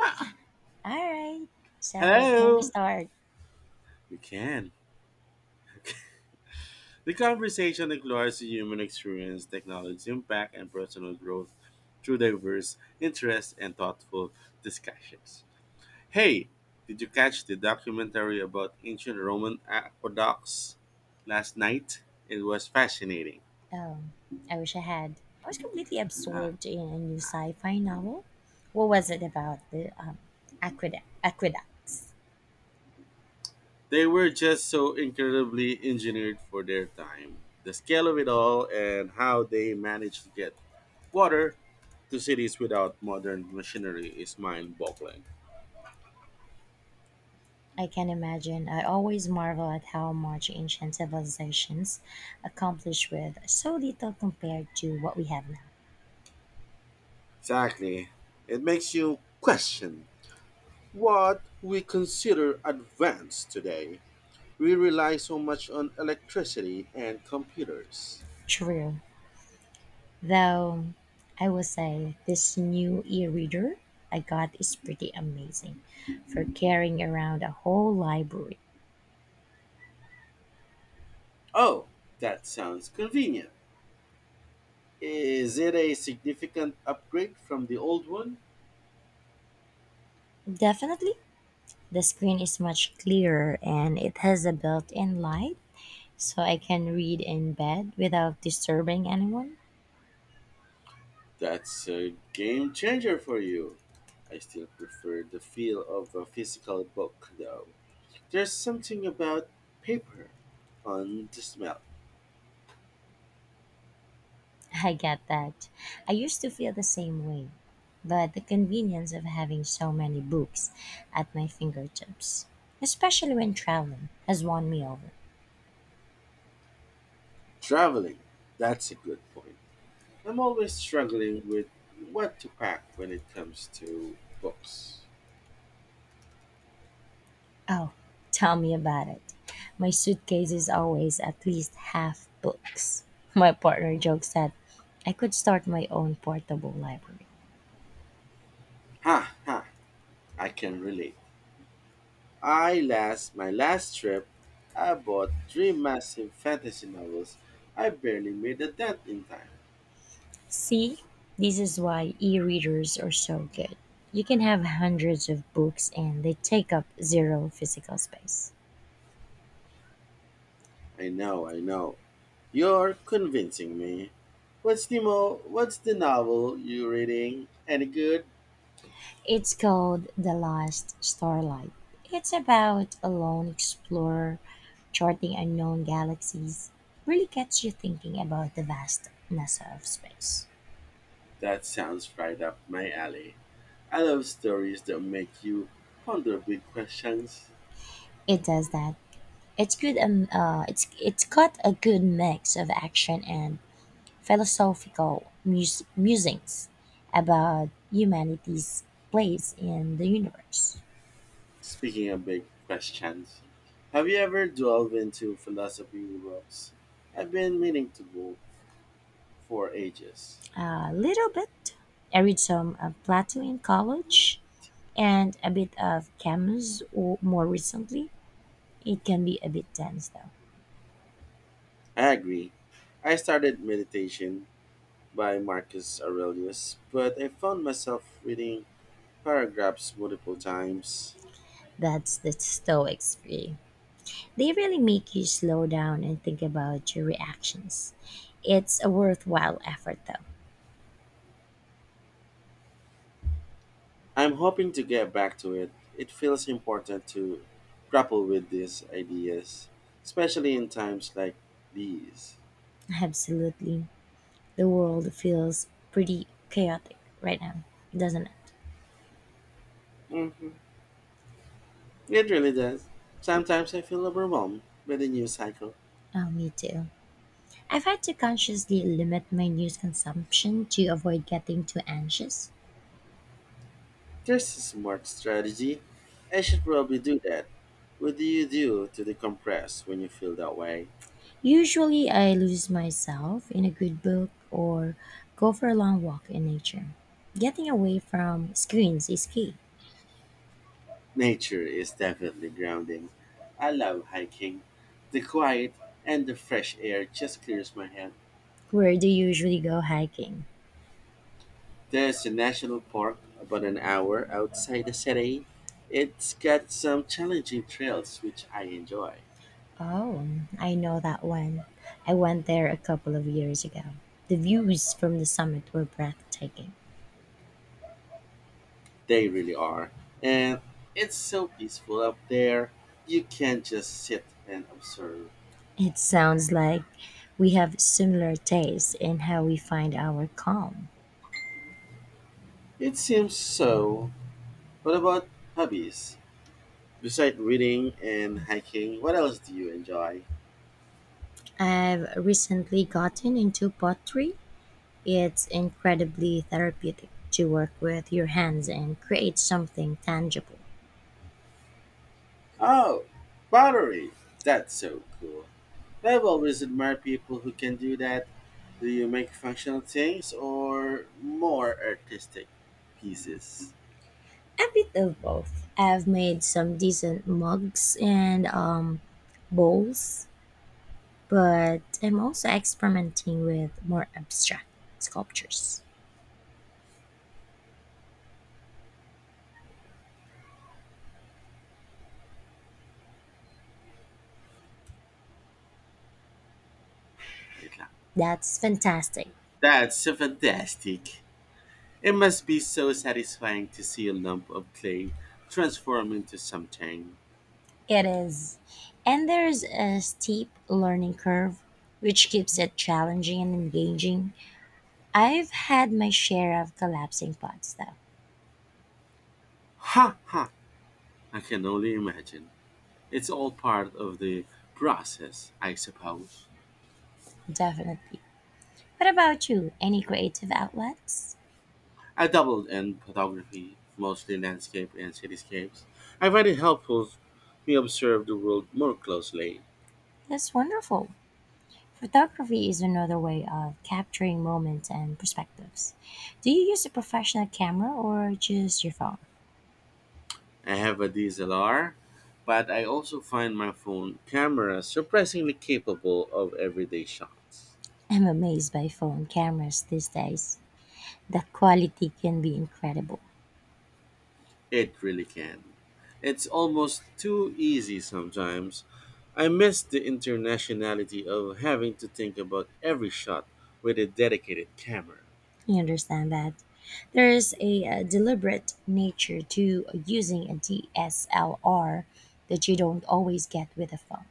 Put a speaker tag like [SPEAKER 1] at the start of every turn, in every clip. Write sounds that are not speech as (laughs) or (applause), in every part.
[SPEAKER 1] Ah,
[SPEAKER 2] All right. So, can we
[SPEAKER 1] hello.
[SPEAKER 2] start?
[SPEAKER 1] You can. The conversation explores the human experience, technology impact, and personal growth through diverse interests and thoughtful discussions. Hey, did you catch the documentary about ancient Roman aqueducts last night? It was fascinating.
[SPEAKER 2] Um, I wish I had. I was completely
[SPEAKER 1] Ah,
[SPEAKER 2] absorbed in a new sci-fi novel. What was it about? The aqueducts.
[SPEAKER 1] they were just so incredibly engineered for their time. The scale of it all and how they managed to get water to cities without modern machinery is mind boggling.
[SPEAKER 2] I can imagine. I always marvel at how much ancient civilizations accomplished with so little compared to what we have now.
[SPEAKER 1] Exactly. It makes you question what we consider advanced today. We rely so much on electricity and computers.
[SPEAKER 2] True. Though, I will say this new e-reader I got is pretty amazing for carrying around a whole library.
[SPEAKER 1] Oh, that sounds convenient. Is it a significant upgrade from the old one?
[SPEAKER 2] Definitely. The screen is much clearer and it has a built-in light so I can read in bed without disturbing anyone.
[SPEAKER 1] That's a game changer for you. I still prefer the feel of a physical book, though. There's something about paper on the smell.
[SPEAKER 2] (laughs) I get that. I used to feel the same way, but the convenience of having so many books at my fingertips, especially when traveling, has won me over.
[SPEAKER 1] Traveling, that's a good point. I'm always struggling with what to pack when it comes to books.
[SPEAKER 2] Oh, (laughs) tell me about it. My suitcase is always at least half books. (laughs) My partner jokes that I could start my own portable library.
[SPEAKER 1] Ha ha, I can relate. I last My last trip, I bought three massive fantasy novels. I barely made a dent in time.
[SPEAKER 2] See, this is why e-readers are so good. You can have hundreds of books and they take up zero physical space.
[SPEAKER 1] I know, I know. You're convincing me. What's what's the novel you reading? Any good?
[SPEAKER 2] It's called The Last Starlight. It's about a lone explorer charting unknown galaxies. Really gets you thinking about the vastness of space.
[SPEAKER 1] That sounds right up my alley. I love stories that make you ponder big questions.
[SPEAKER 2] It does that. It's good. It's got a good mix of action and musings about humanity's place in the universe.
[SPEAKER 1] Speaking of big questions, have you ever delved into philosophy books? I've been meaning to go for ages.
[SPEAKER 2] A little bit. I read some of Plato in college and a bit of Camus or more recently. It can be a bit tense though.
[SPEAKER 1] I agree. I started Meditation by Marcus Aurelius, but I found myself reading paragraphs multiple times.
[SPEAKER 2] That's the Stoics for you. They really make you slow down and think about your reactions. It's a worthwhile effort though.
[SPEAKER 1] I'm hoping to get back to it. It feels important to grapple with these ideas, especially in times like these.
[SPEAKER 2] Absolutely. The world feels pretty chaotic right now, doesn't it?
[SPEAKER 1] Hmm. It really does. Sometimes I feel overwhelmed by the news cycle.
[SPEAKER 2] Oh, me too. I've had to consciously limit my news consumption to avoid getting too anxious.
[SPEAKER 1] There's a smart strategy. I should probably do that. What do you do to decompress when you feel that way?
[SPEAKER 2] Usually, I lose myself in a good book or go for a long walk in nature. Getting away from screens is key.
[SPEAKER 1] Nature is definitely grounding. I love hiking. The quiet and the fresh air just clears my head.
[SPEAKER 2] Where do you usually go hiking?
[SPEAKER 1] There's a national park about an hour outside the city. It's got some challenging trails which I enjoy.
[SPEAKER 2] Oh, I know that one. I went there a couple of years ago. The views from the summit were breathtaking.
[SPEAKER 1] They really are. And it's so peaceful up there. You can just sit and observe.
[SPEAKER 2] It sounds like we have similar tastes in how we find our calm.
[SPEAKER 1] It seems so. What about hobbies? Besides reading and hiking, what else do you enjoy?
[SPEAKER 2] I've recently gotten into pottery. It's incredibly therapeutic to work with your hands and create something tangible.
[SPEAKER 1] Oh, pottery. That's so cool. I've always admired people who can do that. Do you make functional things or more artistic pieces?
[SPEAKER 2] A bit of both. I've made some decent mugs and bowls, but I'm also experimenting with more abstract sculptures.
[SPEAKER 1] Wait lang.
[SPEAKER 2] That's fantastic.
[SPEAKER 1] That's so fantastic. It must be so satisfying to see a lump of clay transform into something.
[SPEAKER 2] It is. And there's a steep learning curve, which keeps it challenging and engaging. I've had my share of collapsing pods, though,
[SPEAKER 1] Ha ha! I can only imagine. It's all part of the process, I suppose.
[SPEAKER 2] definitely. What about you? Any creative outlets?
[SPEAKER 1] I dabbled in photography, mostly landscape and cityscapes. I find it helpful me observe the world more closely.
[SPEAKER 2] That's wonderful. Photography is another way of capturing moments and perspectives. Do you use a professional camera or just your phone?
[SPEAKER 1] I have a DSLR, but I also find my phone camera surprisingly capable of everyday shots.
[SPEAKER 2] I'm amazed by phone cameras these days. The quality can be incredible.
[SPEAKER 1] It really can. It's almost too easy sometimes. I miss the internationality of having to think about every shot with a dedicated camera.
[SPEAKER 2] You understand that? There is a, deliberate nature to using a DSLR that you don't always get with a phone.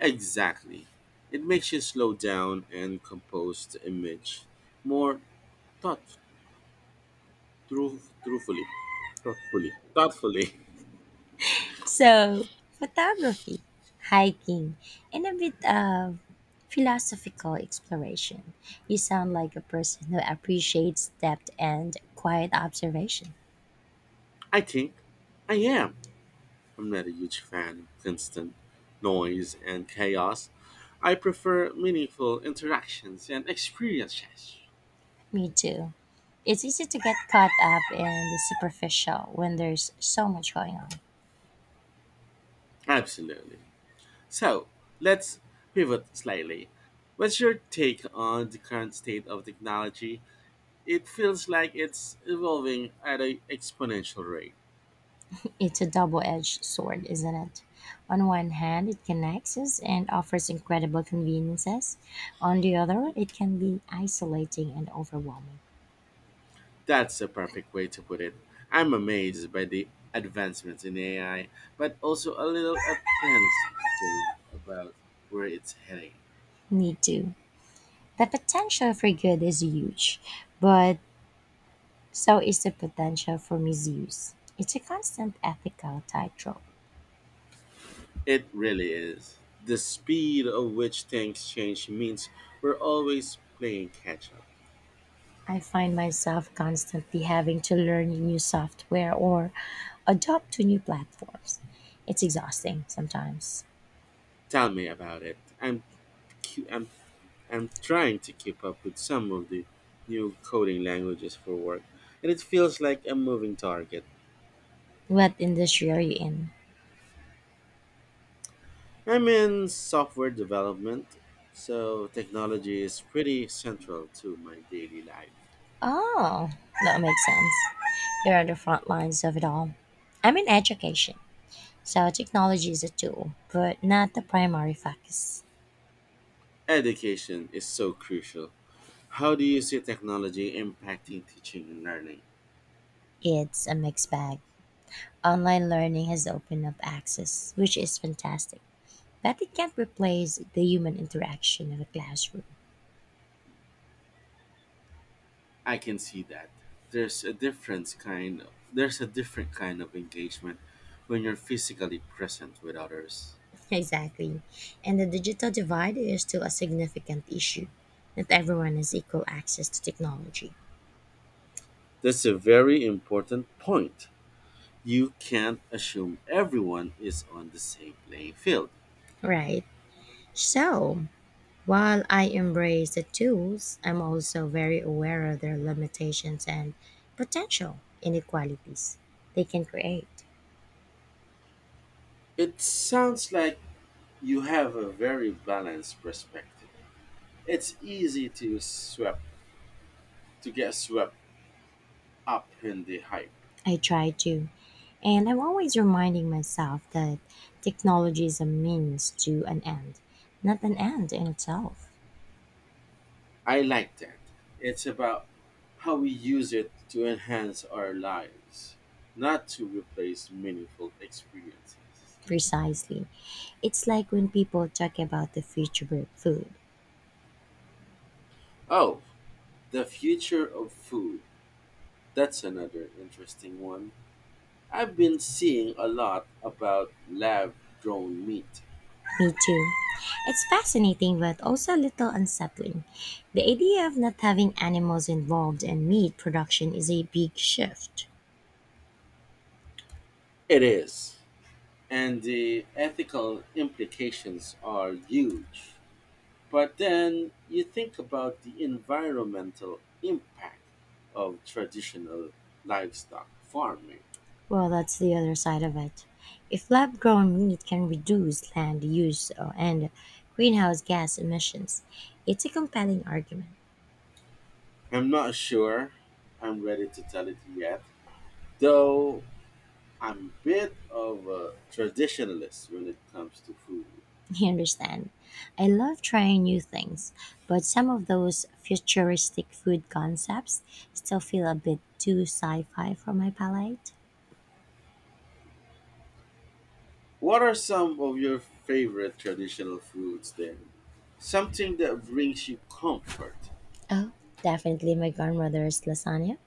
[SPEAKER 1] Exactly. It makes you slow down and compose the image more thought through truthfully. Thoughtfully. Thoughtfully.
[SPEAKER 2] So, photography, hiking, and a bit of philosophical exploration. You sound like a person who appreciates depth and quiet observation.
[SPEAKER 1] (laughs) I think I am. I'm not a huge fan of constant noise and chaos. I prefer meaningful interactions and experiences.
[SPEAKER 2] Me too. It's easy to get caught up in the superficial when there's so much going on. (laughs)
[SPEAKER 1] Absolutely. So let's pivot slightly. What's your take on the current state of technology? It feels like it's evolving at an exponential rate.
[SPEAKER 2] It's a double edged sword, isn't it? On one hand, it connects us and offers incredible conveniences. On the other, it can be isolating and overwhelming.
[SPEAKER 1] That's a perfect way to put it. I'm amazed by the advancements in AI, but also a little apprehensive about where it's heading.
[SPEAKER 2] Me too. The potential for good is huge, but so is the potential for misuse. It's a constant ethical tightrope.
[SPEAKER 1] It really is. The speed of which things change means we're always playing catch up.
[SPEAKER 2] I find myself constantly having to learn new software or adopt to new platforms. It's exhausting sometimes.
[SPEAKER 1] Tell me about it. I'm cu- I'm trying to keep up with some of the new coding languages for work, and it feels like a moving target.
[SPEAKER 2] What industry are you in?
[SPEAKER 1] I'm in software development, so technology is pretty central to my daily life.
[SPEAKER 2] Oh, that makes sense. You're on the front lines of it all. I'm in education, so technology is a tool, but not the primary focus.
[SPEAKER 1] Education is so crucial. How do you see technology impacting teaching and learning?
[SPEAKER 2] It's a mixed bag. Online learning has opened up access, which is fantastic, but it can't replace the human interaction in a classroom. (laughs)
[SPEAKER 1] I can see that. There's a different kind there's a different kind of engagement when you're physically present with others.
[SPEAKER 2] Exactly. And the digital divide is still a significant issue. Not everyone has equal access to technology.
[SPEAKER 1] That's a very important point. You can't assume everyone is on the same playing field.
[SPEAKER 2] Right. So, while I embrace the tools, I'm also very aware of their limitations and potential inequalities they can create.
[SPEAKER 1] It sounds like you have a very balanced perspective. It's easy to get swept up in the hype.
[SPEAKER 2] I try to. And I'm always reminding myself that technology is a means to an end, not an end in itself.
[SPEAKER 1] I like that. It's about how we use it to enhance our lives, not to replace meaningful experiences.
[SPEAKER 2] Precisely. It's like when people talk about the future of food.
[SPEAKER 1] Oh, the future of food. That's another interesting one. I've been seeing a lot about lab grown meat.
[SPEAKER 2] Me too. It's fascinating but also a little unsettling. The idea of not having animals involved in meat production is a big shift.
[SPEAKER 1] It is. And the ethical implications are huge. But then you think about the environmental impact of traditional livestock farming.
[SPEAKER 2] Well, that's the other side of it. If lab grown meat can reduce land use and greenhouse gas emissions, it's a compelling argument.
[SPEAKER 1] I'm not sure I'm ready to tell it yet, though I'm a bit of a traditionalist when it comes to food.
[SPEAKER 2] (laughs) You understand? I love trying new things, but some of those futuristic food concepts still feel a bit too sci fi for my palate.
[SPEAKER 1] What are some of your favorite traditional foods then? Something that brings you comfort.
[SPEAKER 2] Oh, definitely my grandmother's lasagna.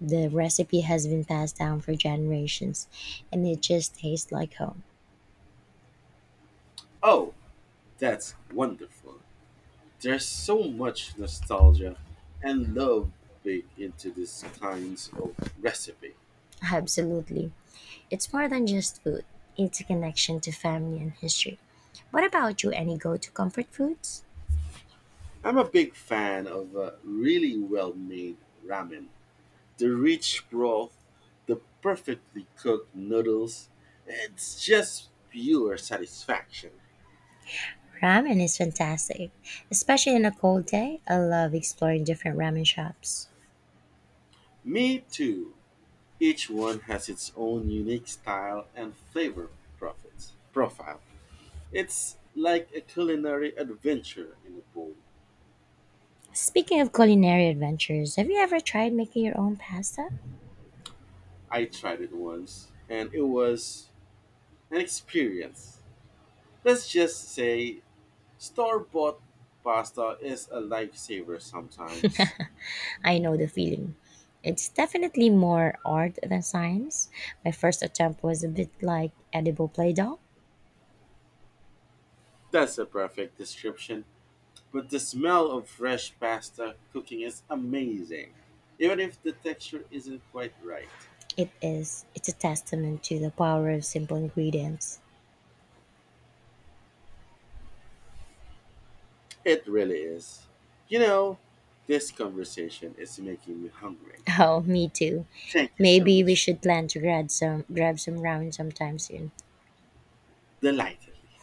[SPEAKER 2] The recipe has been passed down for generations, and it just tastes like home.
[SPEAKER 1] Oh, that's wonderful. There's so much nostalgia and love baked into these kinds of recipe.
[SPEAKER 2] Absolutely. It's more than just food, it's a connection to family and history. What about you? Any go to comfort foods?
[SPEAKER 1] I'm a big fan of a really well-made ramen. The rich broth, the perfectly cooked noodles, it's just pure satisfaction.
[SPEAKER 2] Ramen is fantastic, especially on a cold day. I love exploring different ramen shops.
[SPEAKER 1] Me too. Each one has its own unique style and flavor profile. It's like a culinary adventure in a bowl.
[SPEAKER 2] Speaking of culinary adventures, have you ever tried making your own pasta?
[SPEAKER 1] I tried it once and it was an experience. Let's just say store bought pasta is a lifesaver sometimes.
[SPEAKER 2] I know the feeling. It's definitely more art than science. My first attempt was a bit like edible Play Doh.
[SPEAKER 1] That's a perfect description. But the smell of fresh pasta cooking is amazing, even if the texture isn't quite right.
[SPEAKER 2] It is. It's a testament to the power of simple ingredients.
[SPEAKER 1] It really is. You know, this conversation is making me hungry.
[SPEAKER 2] Oh, me too.
[SPEAKER 1] Thank you so
[SPEAKER 2] Maybe we
[SPEAKER 1] much.
[SPEAKER 2] should plan to grab some ramen sometime soon.
[SPEAKER 1] Delightedly.